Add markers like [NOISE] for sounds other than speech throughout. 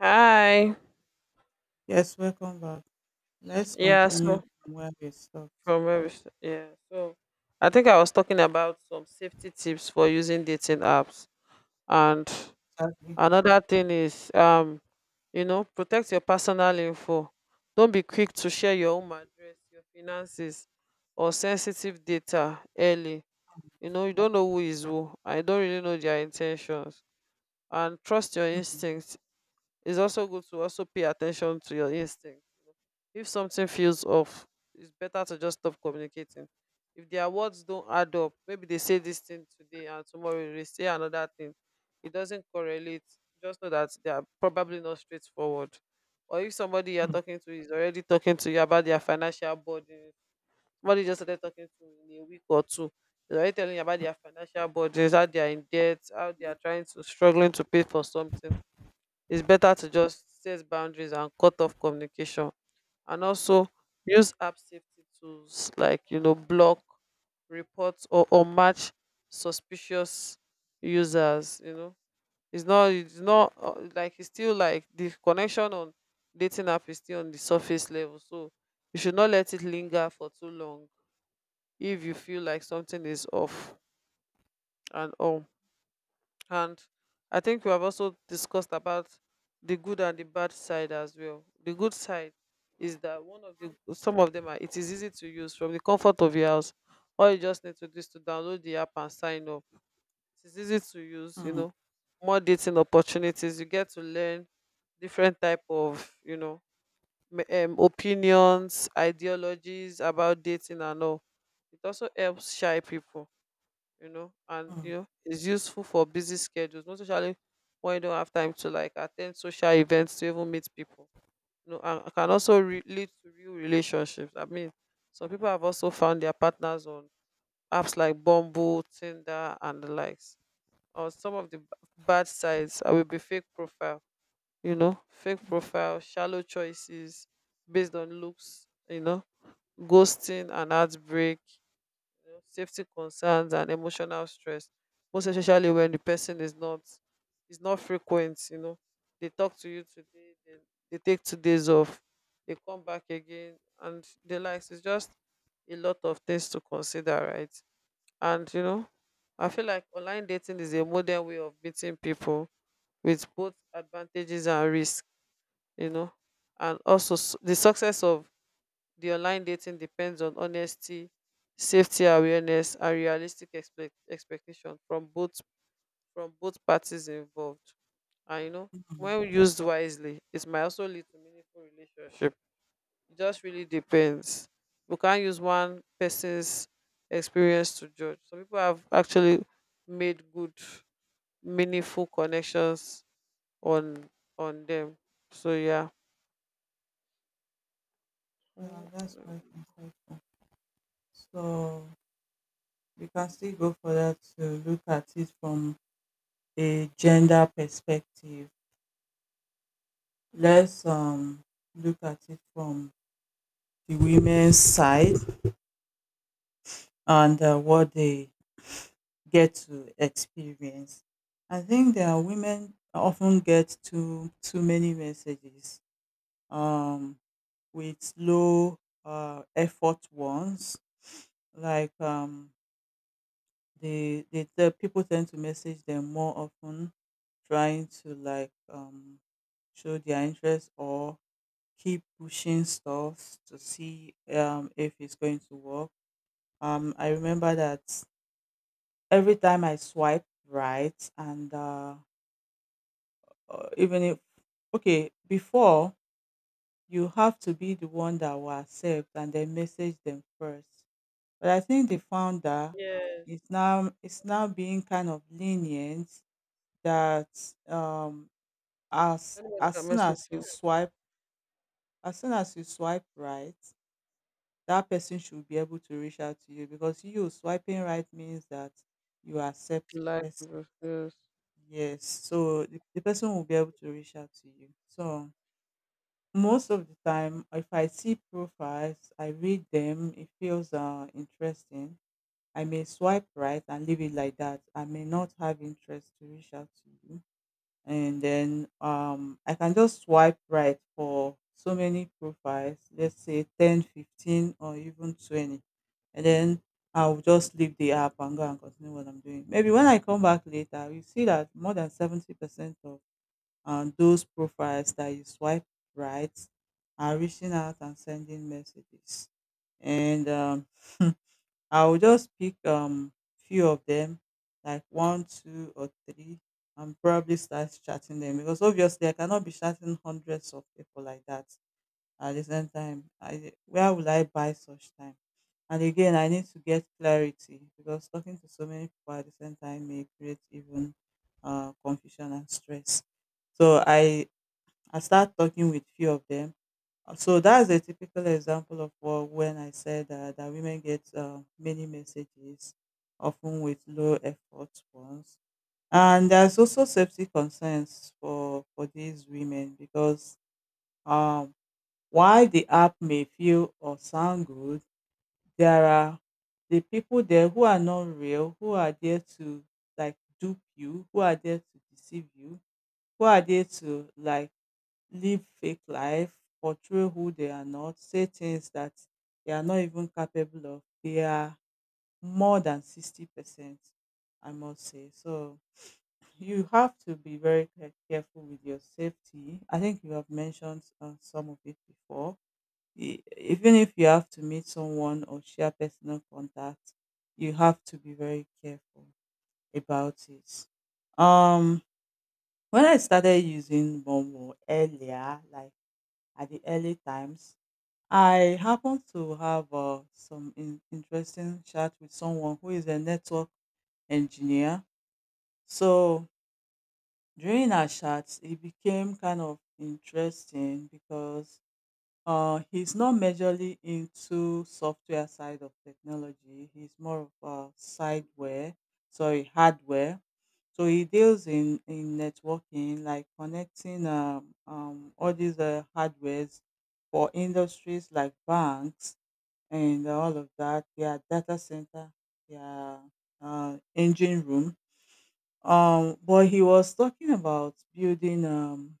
Hi. Yes, welcome back. Let's Yeah, continue so from where we stopped. from where we st- yeah, so I think I was talking about some safety tips for using dating apps. And Shall we? another thing is protect your personal info. Don't be quick to share your home address, your finances, or sensitive data early. You know, you don't know who is who. I don't really know their intentions. And trust your Mm, instincts. It's also good to also pay attention to your instinct. If something feels off, it's better to just stop communicating. If their words don't add up, maybe they say this thing today and tomorrow they say another thing. It doesn't correlate. Just know that they are probably not straightforward. Or if somebody you're mm, talking to is already talking to you about their financial burden, somebody just started talking to you in a week or two. They're already telling you about their financial burdens, how they are in debt, how they are trying to struggling to pay for something. It's better to just set boundaries and cut off communication, and also use app safety tools like, block, report, or match suspicious users, you know. It's not like, it's still like the connection on dating app is still on the surface level, so you should not let it linger for too long if you feel like something is off and all. And I think we have also discussed about the good and the bad side as well. The good side is that one of the some of them are it is easy to use from the comfort of your house. All you just need to do is to download the app and sign up. It is easy to use, you mm, know. More dating opportunities. You get to learn different type of, opinions, ideologies about dating and all. It also helps shy people, mm, it's useful for busy schedules, most especially when you don't have time to like attend social events to even meet people. You know, and it can also lead to real relationships. I mean, some people have also found their partners on apps like Bumble, Tinder, and the likes. Or some of the bad sides I will be fake profile, fake mm, profile, shallow choices based on looks, you know, ghosting and heartbreak, know, safety concerns and emotional stress, most especially when the person is not frequent, you know. They talk to you today, then they take 2 days off, they come back again and the likes. It's just a lot of things to consider, right? And you know, I feel like online dating is a modern way of meeting people with both advantages and risk, you know. And also the success of the online dating depends on honesty, safety awareness, and realistic expectation from both, parties involved. And you know, mm. when used wisely, it might also lead to meaningful relationship. It just really depends. We can't use one person's experience to judge. Some people have actually made good, meaningful connections on on them. So yeah. Yeah, Mm. that's quite insightful. So we can still go further to look at it from a gender perspective. Let's look at it from the women's side and what they get to experience. I think there are women often get too many messages. Um, with low effort ones. Like um, the people tend to message them more often, trying to show their interest or keep pushing stuff to see if it's going to work. I remember that every time I swipe right, and even if okay, before you have to be the one that will accept and then message them first. But I think the founder Yes. is now being kind of lenient that um as Anybody can as soon message as you me. swipe as soon as you swipe right, that person should be able to reach out to you because you swiping right means that you accept the Like, person. yes. Yes. So the person will be able to reach out to you. So most of the time if I see profiles, I read them, it feels interesting I may swipe right and leave it like that. I may not have interest to reach out to you. And then I can just swipe right for so many profiles, let's say 10, 15, or even 20. And then I'll just leave the app and go and continue what I'm doing. Maybe when I come back later, you see that more than 70% of those profiles that you swipe right are reaching out and sending messages. And [LAUGHS] I will just pick few of them, like one, two, or three, and probably start chatting them because obviously I cannot be chatting hundreds of people like that at the same time. Where will I buy such time? And again, I need to get clarity because talking to so many people at the same time may create even confusion and stress. So I start talking with few of them So that's a typical example of what, when I said that women get many messages, often with low effort ones. And there's also safety concerns for these women because um, while the app may feel or sound good, there are the people there who are not real, who are there to like dupe you, who are there to deceive you, who are there to like live fake life, portray who they are not, say things that they are not even capable of. They are more than 60%, I must say. So you have to be very careful with your safety. I think you have mentioned some of it before. Even if you have to meet someone or share personal contact, you have to be very careful about it. Um, when I started using Bumble earlier, like at the early times. I happened to have some interesting chat with someone who is a network engineer. So during our chats, it became kind of interesting because he's not majorly into software side of technology. He's more of a sideware, sorry, hardware. So he deals in networking, like connecting all these hardwares for industries like banks and all of that. Their data center, their engine room. But he was talking about building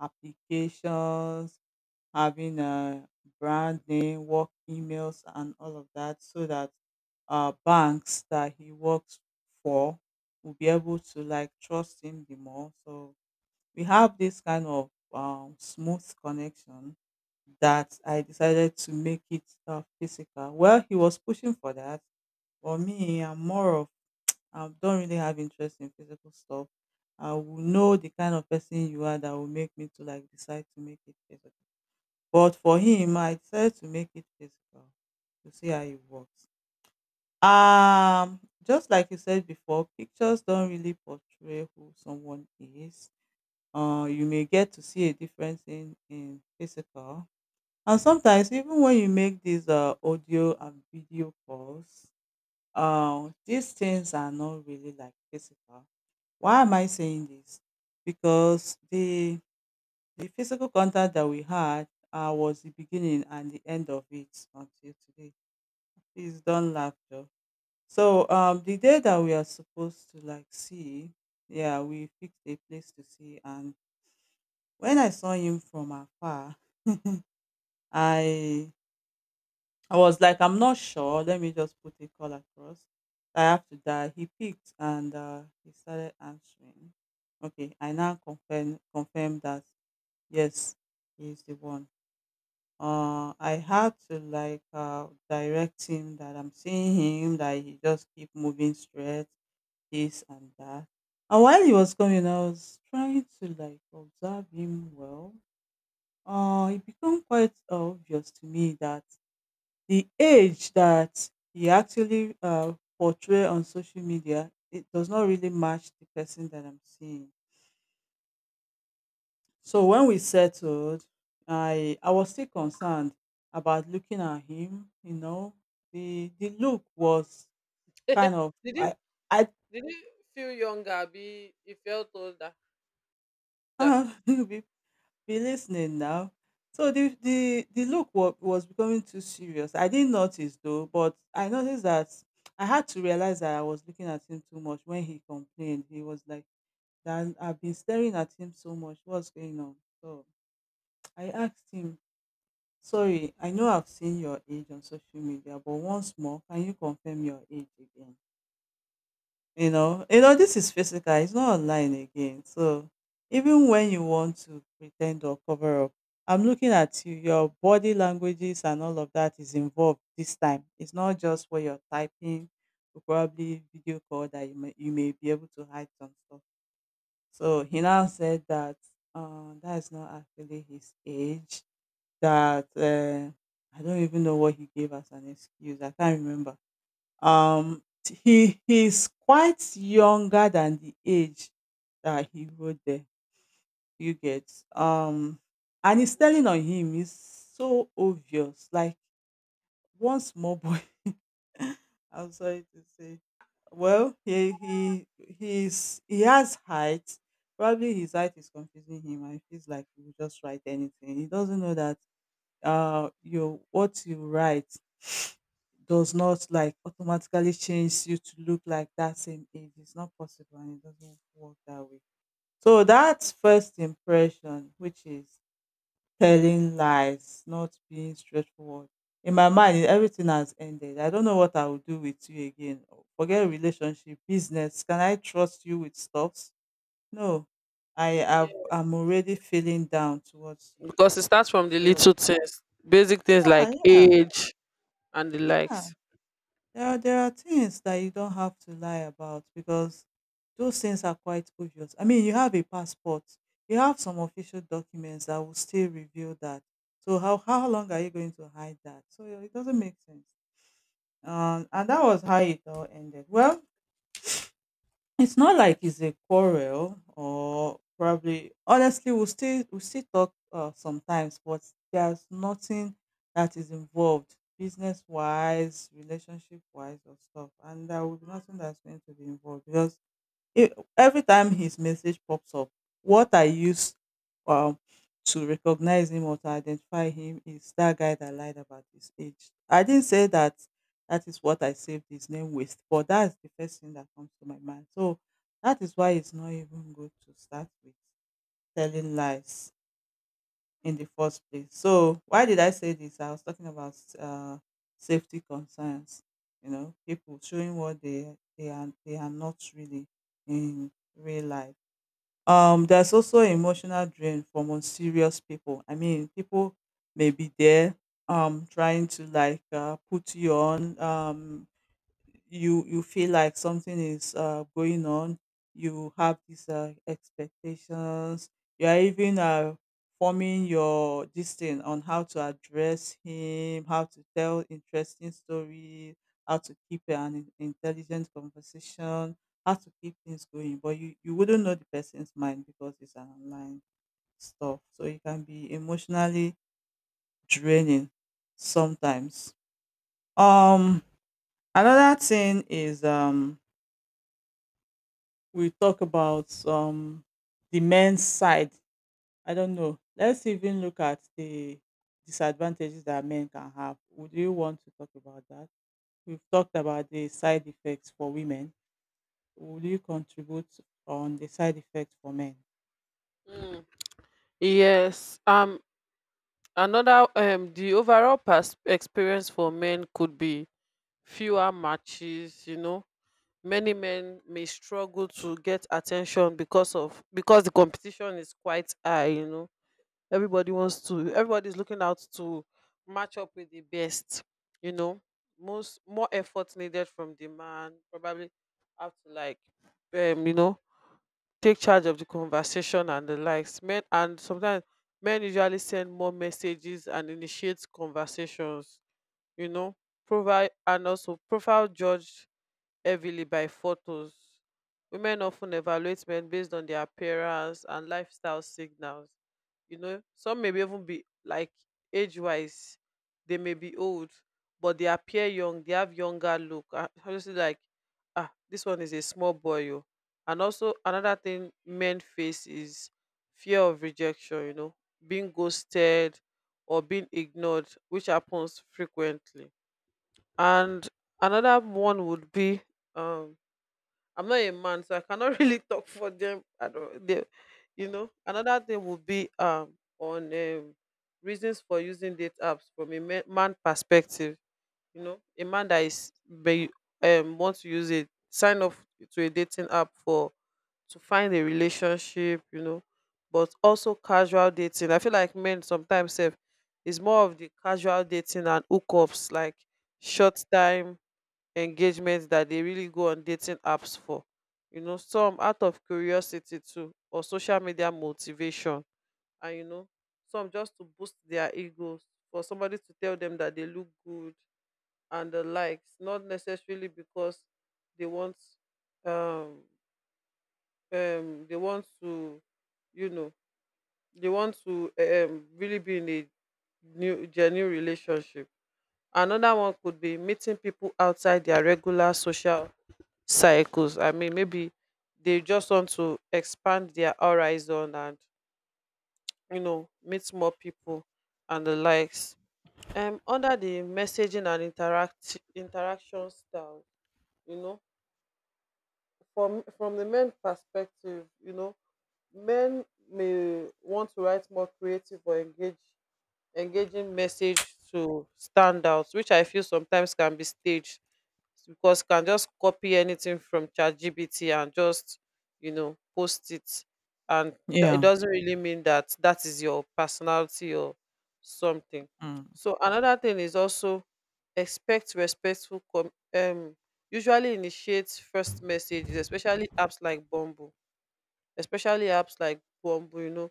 applications having a brand name, work emails, and all of that, so that banks that he works for will be able to like trust him the more. So we have this kind of smooth connection that I decided to make it physical. Well, he was pushing for that. For me, I'm more of I don't really have interest in physical stuff. I will know the kind of person you are that will make me to like decide to make it physical. But for him, I decided to make it physical to see how it works. Just like you said before, pictures don't really portray who someone is. You may get to see a difference in physical. And sometimes, even when you make these audio and video calls, these things are not really like physical. Why am I saying this? Because the physical contact that we had was the beginning and the end of it until today. Please don't laugh, Joe. So the day that we are supposed to like see, yeah, we fixed a place to see, and when I saw him from afar, [LAUGHS] I I was like, I'm not sure. Let me just put a call across. I have to die. He picked and he started answering. Okay, I now confirm that yes, he is the one I had to like direct him that I'm seeing him that he just keep moving straight, this and that. And while he was coming, I was trying to like observe him well. It became quite obvious to me that the age that he actually portray on social media it does not really match the person that I'm seeing. So when we settled, I was still concerned about looking at him. You know, the look was kind [LAUGHS] of did you I did you feel younger? Be you felt older. Older? [LAUGHS] You be listening now. So the look was becoming too serious. I didn't notice though, but I noticed that I had to realize that I was looking at him too much when he complained. He was like, "That I've been staring at him so much. What's going on?" So I asked him Sorry, I know I've seen your age on social media, but once more, can you confirm your age again? This is physical, it's not online again. So even when you want to pretend or cover up, I'm looking at you, your body languages and all of that is involved this time. It's not just what you're typing, or probably video call that you may be able to hide some stuff. So he now said that that is not actually his age that, I don't even know what he gave as an excuse. I can't remember. He's quite younger than the age that he wrote there. You get and he's Yeah. telling on him. It's so obvious. Like one small boy. [LAUGHS] I'm sorry to say. Well, he he has height. Probably his height is confusing him, and he feels like he will just write anything. He doesn't know that your what you write does not like automatically change you to look like that same age. It's not possible and it doesn't work that way. So that's first impression, which is telling lies, not being straightforward. In my mind, everything has ended. I don't know what I will do with you again. Forget relationship, business. Can I trust you with stuffs? No. I'm already feeling down towards you. Because it starts from the So little things, basic things yeah, like yeah. age and the Yeah. likes. There are things that you don't have to lie about because those things are quite obvious. I mean, you have a passport, you have some official documents that will still reveal that. So how long are you going to hide that? So it doesn't make sense. And that was how it all ended. Well, it's not like it's a quarrel or probably honestly we still talk sometimes but there's nothing that is involved business wise relationship wise or stuff and there will be nothing that's going to be involved because every time his message pops up, what I use um, to recognize him or to identify him is that guy that lied about his age. I didn't say that that is what I saved his name with, but that's the first thing that comes to my mind. So that is why it's not even good to start with telling lies in the first place. So why did I say this? I was talking about safety concerns. You know, people showing what they are not really in real life. There's also emotional drain from unserious people. I mean, people may be there trying to put you on. You feel like something is going on. You have these expectations. You are even forming your this thing on how to address him, how to tell interesting stories, how to keep an intelligent conversation, how to keep things going, but you wouldn't know the person's mind because it's an online stuff, so it can be emotionally draining sometimes. um Another thing is, we talk about the men's side. I don't know, let's even look at the disadvantages that men can have. Would you want to talk about that? We've talked about the side effects for women. Would you contribute on the side effects for men? Mm. Yes. Another The overall experience for men could be fewer matches. You know, many men may struggle to get attention because the competition is quite high. You know, everybody's looking out to match up with the best, you know. Most More effort needed from the man, probably have to like you know, take charge of the conversation and the likes. Men, and sometimes men usually send more messages and initiate conversations, you know, provide and also profile judge heavily by photos. Women often evaluate men based on their appearance and lifestyle signals. You know, some may even be like age wise, they may be old, but they appear young, they have younger look. Ah, obviously, like, ah, this one is a small boy. Oh. And also, another thing men face is fear of rejection, you know, being ghosted or being ignored, which happens frequently. And another one would be, um I'm not a man, so I cannot [LAUGHS] really talk for them. I don't, they, you know. Another thing would be on, reasons for using date apps from a man perspective. You know, a man that is may wants to use it, sign up to a dating app for to find a relationship. You know, but also casual dating. I feel like men sometimes have is more of the casual dating and hookups, like short time engagements that they really go on dating apps for, you know. Some out of curiosity too, or social media motivation. And you know, some just to boost their egos, for somebody to tell them that they look good and the likes, not necessarily because they want um they want to you know they want to really be in a new genuine relationship. Another one could be meeting people outside their regular social cycles. I mean, maybe they just want to expand their horizon and, you know, meet more people and the likes. Under the messaging and interaction style, you know, from the men perspective, you know, men may want to write more creative or engage engaging message to stand out, which I feel sometimes can be staged because you can just copy anything from ChatGPT and just, you know, post it. And it Yeah. doesn't really mean that that is your personality or something. Mm. So another thing is also expect respectful usually initiates first messages, especially apps like Bumble, you know,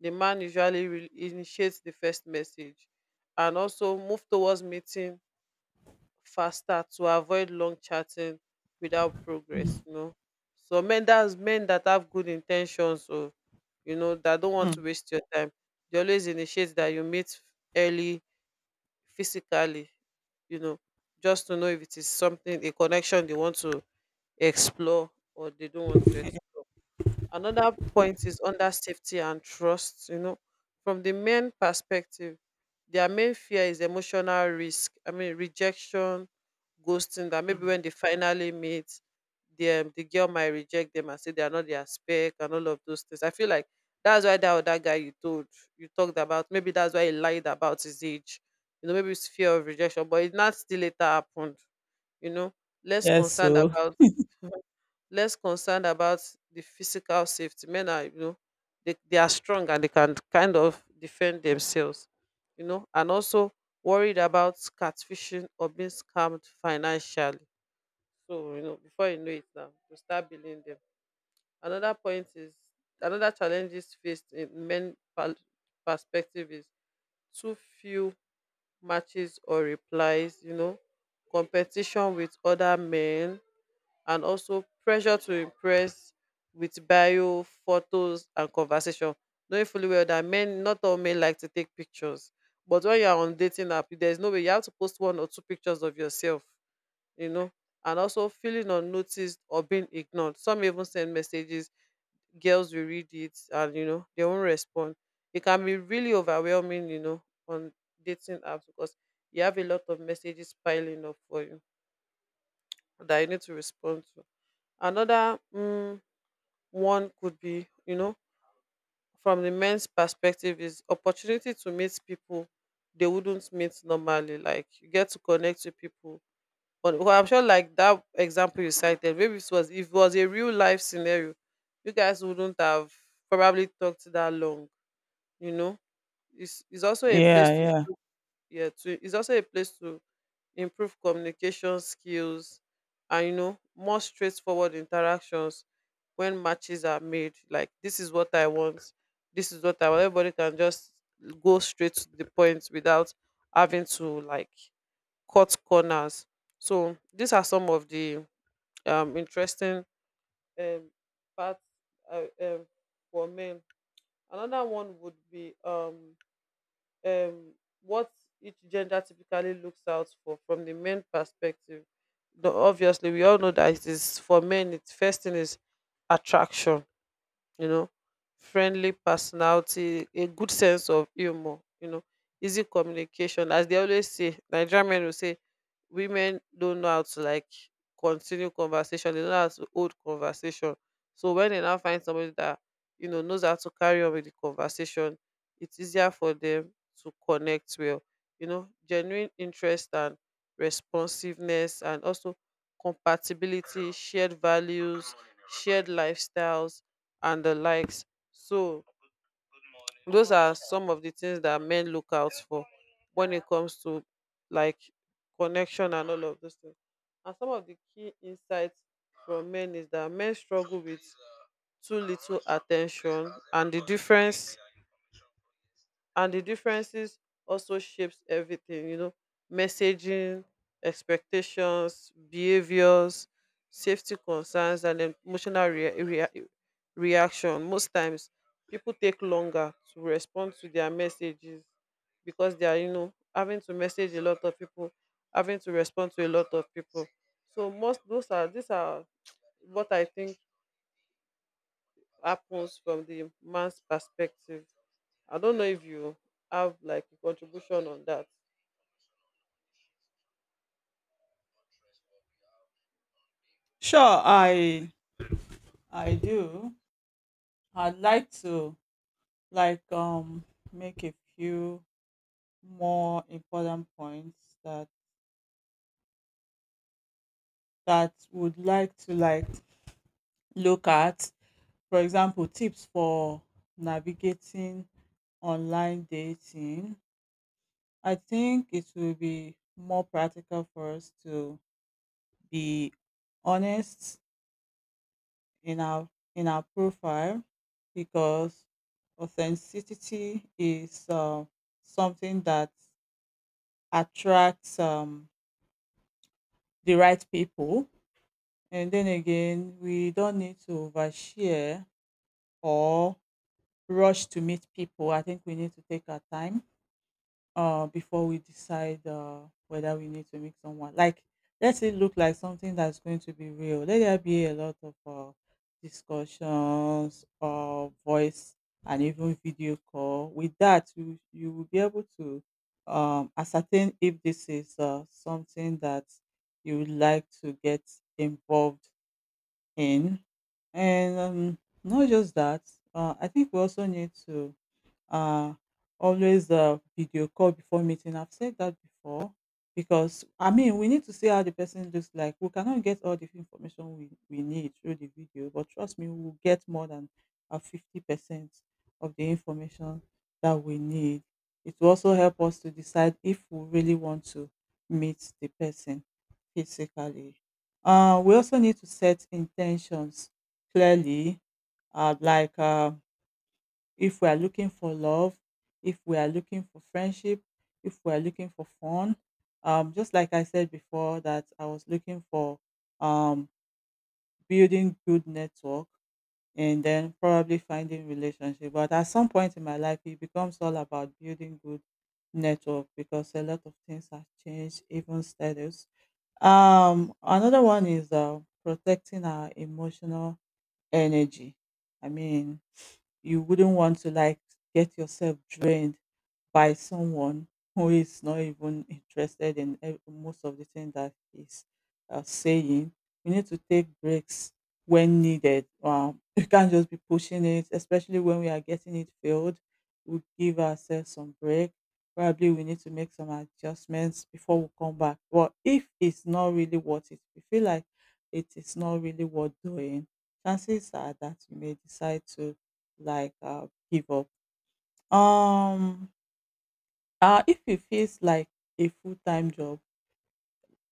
the man usually initiates the first message and also move towards meeting faster to avoid long chatting without progress, you know. So men, that's men that have good intentions, or you know, that don't want to Mm. waste your time, they always initiate that you meet early physically, you know, just to know if it is something, a connection they want to explore or they don't want to explore. Another point is under safety and trust. You know, from the men perspective, their main fear is emotional risk. I mean, rejection, ghosting. That maybe Mm. when they finally meet, the girl might reject them and say they are not their spec and all of those things. I feel like that's why that other guy you told you talked about. Maybe that's why he lied about his age. You know, maybe it's fear of rejection, but it not still later happened. You know, less Yes, concerned so about less concerned about the physical safety. Men are, you know, they are strong and they can kind of defend themselves, you know, and also worried about catfishing or being scammed financially. So, you know, before you know it now, you start building them. Another point is another challenge is faced in men perspective is too few matches or replies, you know, competition with other men, and also pressure to impress with bio, photos, and conversation. Knowing fully well that men, not all men like to take pictures. But when you are on dating app, there's no way, you have to post one or two pictures of yourself, you know, and also feeling unnoticed or being ignored. Some even send messages, girls will read it and, you know, they won't respond. It can be really overwhelming, you know, on dating apps because you have a lot of messages piling up for you that you need to respond to. Another one could be, you know, from the men's perspective, is opportunity to meet people they wouldn't meet normally, like, you get to connect with people. But, well, I'm sure, like that example you cited, maybe it was, if it was a real life scenario, you guys wouldn't have probably talked that long. You know, it's also a place yeah, to, yeah. yeah, to it's also a place to improve communication skills, and, you know, more straightforward interactions. When matches are made, like, this is what I want, everybody can just go straight to the point without having to like cut corners. So these are some of the interesting um parts, uh, um, for men. Another one would be, um, what each gender typically looks out for from the men perspective. Though obviously, we all know that it is for men. It's first thing is attraction, you know, friendly personality, a good sense of humor, you know, easy communication. As they always say, Nigerian men will say women don't know how to like continue conversation, they don't know how to hold conversation. So when they now find somebody that, you know, knows how to carry on with the conversation, it's easier for them to connect well. You know, genuine interest and responsiveness, and also compatibility, shared values, shared lifestyles and the likes. So those are some of the things that men look out for when it comes to like connection and all of those things. And some of the key insights from men is that men struggle with too little attention and the differences also shapes everything, you know, messaging, expectations, behaviors, safety concerns and emotional reaction. Most times people take longer to respond to their messages because they are, you know, having to message a lot of people, having to respond to a lot of people. So most those are these are what I think happens from the man's perspective. I don't know if you have like a contribution on that. Sure, I do. I'd like to, like, make a few more important points that that would like to like look at. For example, tips for navigating online dating. I think it will be more practical for us to be honest in our, in our profile, because authenticity is something that attracts the right people. And then again, we don't need to overshare or rush to meet people. I think we need to take our time before we decide whether we need to meet someone. Like, let it look like something that's going to be real. Let there be a lot of discussions, voice, and even video call. With that, you will be able to ascertain if this is something that you would like to get involved in. And not just that, I think we also need to uh, always video call before meeting. I've said that before because I mean we need to see how the person looks like. We cannot get all the information we need through the video, but trust me, we'll get more than 50% of the information that we need. It will also help us to decide if we really want to meet the person physically. We also need to set intentions clearly, like if we are looking for love, if we are looking for friendship, if we are looking for fun. Just like I said before, that I was looking for um, building good network and then probably finding relationship. But at some point in my life, it becomes all about building good network, because a lot of things have changed, even status. Another one is protecting our emotional energy. I mean, you wouldn't want to like get yourself drained by someone who is not even interested in most of the things that he's saying. You need to take breaks when needed. [LAUGHS] You can't just be pushing it, especially when we are getting it filled. We give ourselves some break. Probably we need to make some adjustments before we come back. But if it's not really worth it, we feel like it is not really worth doing, chances are that you may decide to give up. Um, if it feels like a full time job,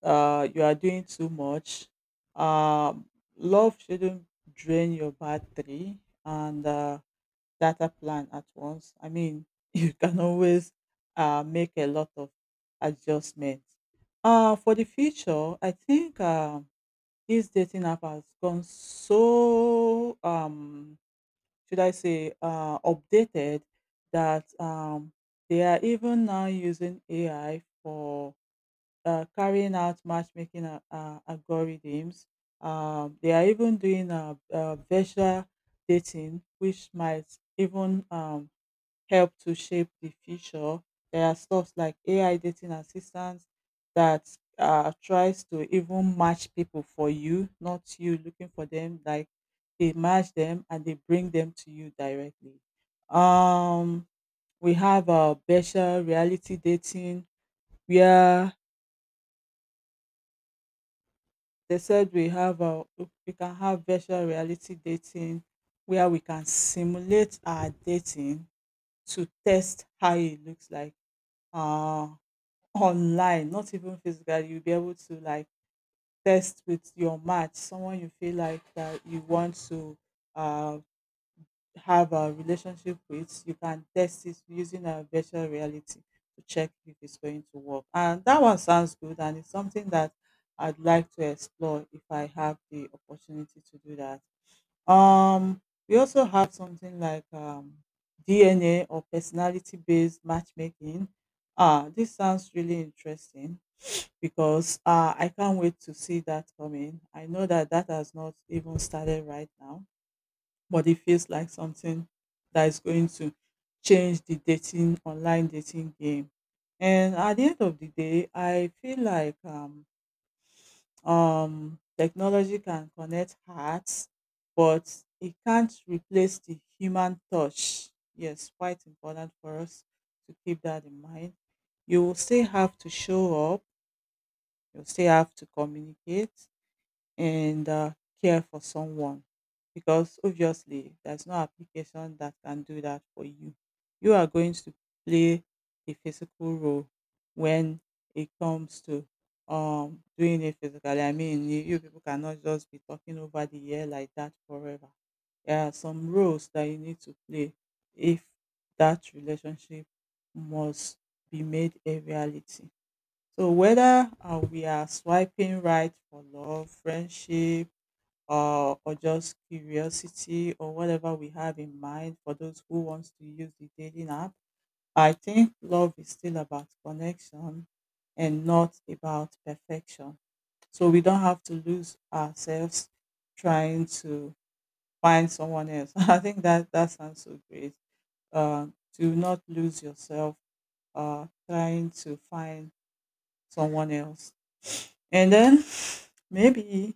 you are doing too much. Um, Love shouldn't drain your battery and data plan at once. I mean, [LAUGHS] you can always make a lot of adjustments. For the future, I think this dating app has gone so should I say, updated that they are even now using AI for carrying out matchmaking algorithms. They are even doing virtual dating, which might even help to shape the future. There are stuff like AI dating assistants that tries to even match people for you, not you looking for them. Like they match them and they bring them to you directly. Um, we have virtual reality dating where they said we can have virtual reality dating where we can simulate our dating to test how it looks like. Uh, Online, not even physical. You'll be able to like test with your match, someone you feel like that you want to uh, have a relationship with. You can test it using a virtual reality to check if it's going to work. And that one sounds good, and it's something that I'd like to explore if I have the opportunity to do that. Um, we also have something like DNA or personality based matchmaking. Ah, this sounds really interesting because I can't wait to see that coming. I know that that has not even started right now, but it feels like something that is going to change the dating online dating game. And at the end of the day, I feel like technology can connect hearts, but it can't replace the human touch. Yes, quite important for us to keep that in mind. You will still have to show up. You will still have to communicate and care for someone, because obviously there's no application that can do that for you. You are going to play a physical role when it comes to doing it physically. I mean, you people cannot just be talking over the air like that forever. There are some roles that you need to play if that relationship must be made a reality. So whether we are swiping right for love, friendship, or just curiosity or whatever we have in mind for those who wants to use the dating app, I think love is still about connection and not about perfection. So we don't have to lose ourselves trying to find someone else. [LAUGHS] I think that sounds so great. Uh, to not lose yourself trying to find someone else. And then [SIGHS] maybe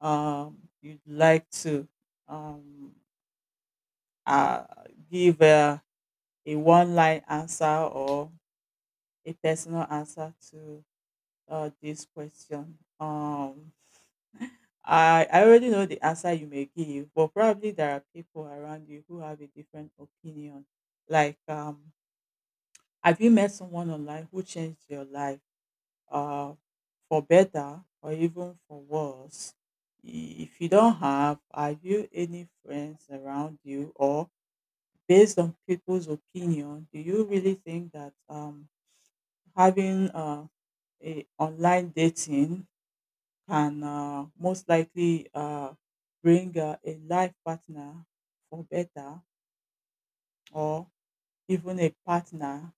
you'd like to um, uh, give a one line answer or a personal answer to this question. I already know the answer you may give, but probably there are people around you who have a different opinion. Like, have you met someone online who changed your life? uh, for better or even for worse. If you don't have you any friends around you, or based on people's opinion, do you really think that having a online dating can most likely bring a life partner for better, or even a partner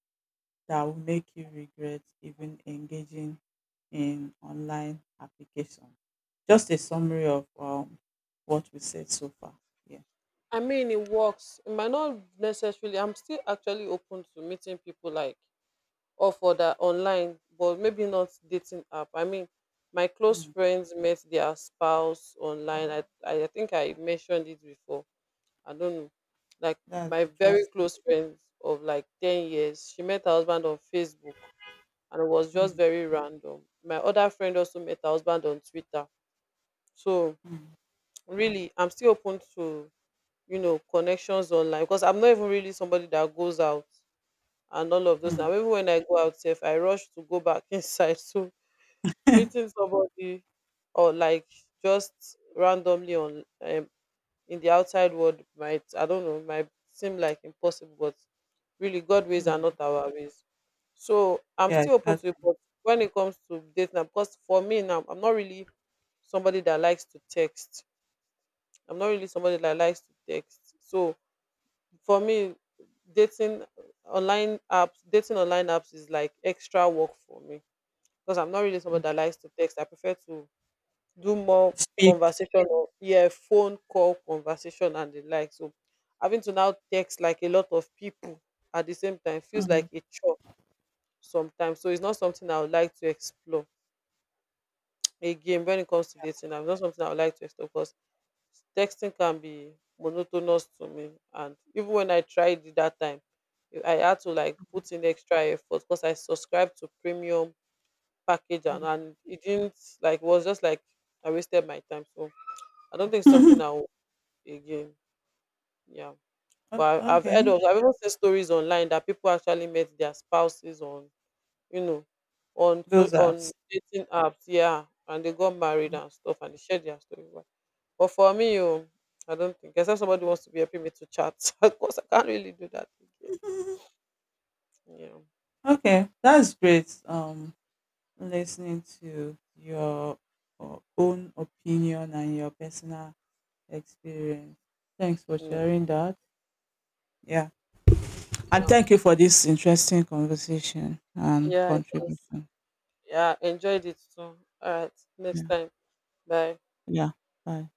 that will make you regret even engaging in online application. Just a summary of what we said so far. Yeah. I mean, it works. It might not necessarily. I'm still actually open to meeting people like off for that online, but maybe not dating app. I mean, my close Hmm. friends met their spouse online. I think I mentioned it before. I don't know. Like That's my very interesting. close friends of like 10 years, she met her husband on Facebook, and it was just Hmm. very random. My other friend also met her husband on Twitter. So Hmm. really, I'm still open to, you know, connections online, because I'm not even really somebody that goes out and all of those. Hmm. Now even when I go out, if I rush to go back [LAUGHS] inside. So meeting somebody or like just randomly on in the outside world might, I don't know, might seem like impossible, but really, God ways Hmm. are not our ways. So I'm Yeah, still open to it. exactly. But when it comes to dating, because for me now, I'm not really somebody that likes to text. I'm not really somebody that likes to text. So for me, dating dating online apps is like extra work for me because I'm not really somebody Hmm. that likes to text. I prefer to do more Speak. conversation, or yeah, phone call conversation and the like. So having to now text like a lot of people at the same time feels Hmm. like a chore sometimes. So it's not something I would like to explore again when it comes to dating. I'm not something I would like to explore because. Texting can be monotonous to me, and even when I tried it that time, I had to like put in extra effort because I subscribed to premium package, and, Hmm. and it didn't, like, was just like I wasted my time. So I don't think it's something I'll again. Yeah. But I've heard Okay, of, I've even seen stories online that people actually met their spouses on, you know, on so those on apps. dating apps, yeah, and they got married and stuff and they shared their story. Right? But for me, oh, I don't think, except somebody wants to be helping me to chat. [LAUGHS] Of course, I can't really do that again. [LAUGHS] Yeah. Okay, that's great. Listening to your own opinion and your personal experience. Thanks for Mm, sharing that. Yeah. And yeah. thank you for this interesting conversation and Yeah, it was, contribution. yeah, enjoyed it too. All right, next Yeah. time. Bye. Yeah. Bye.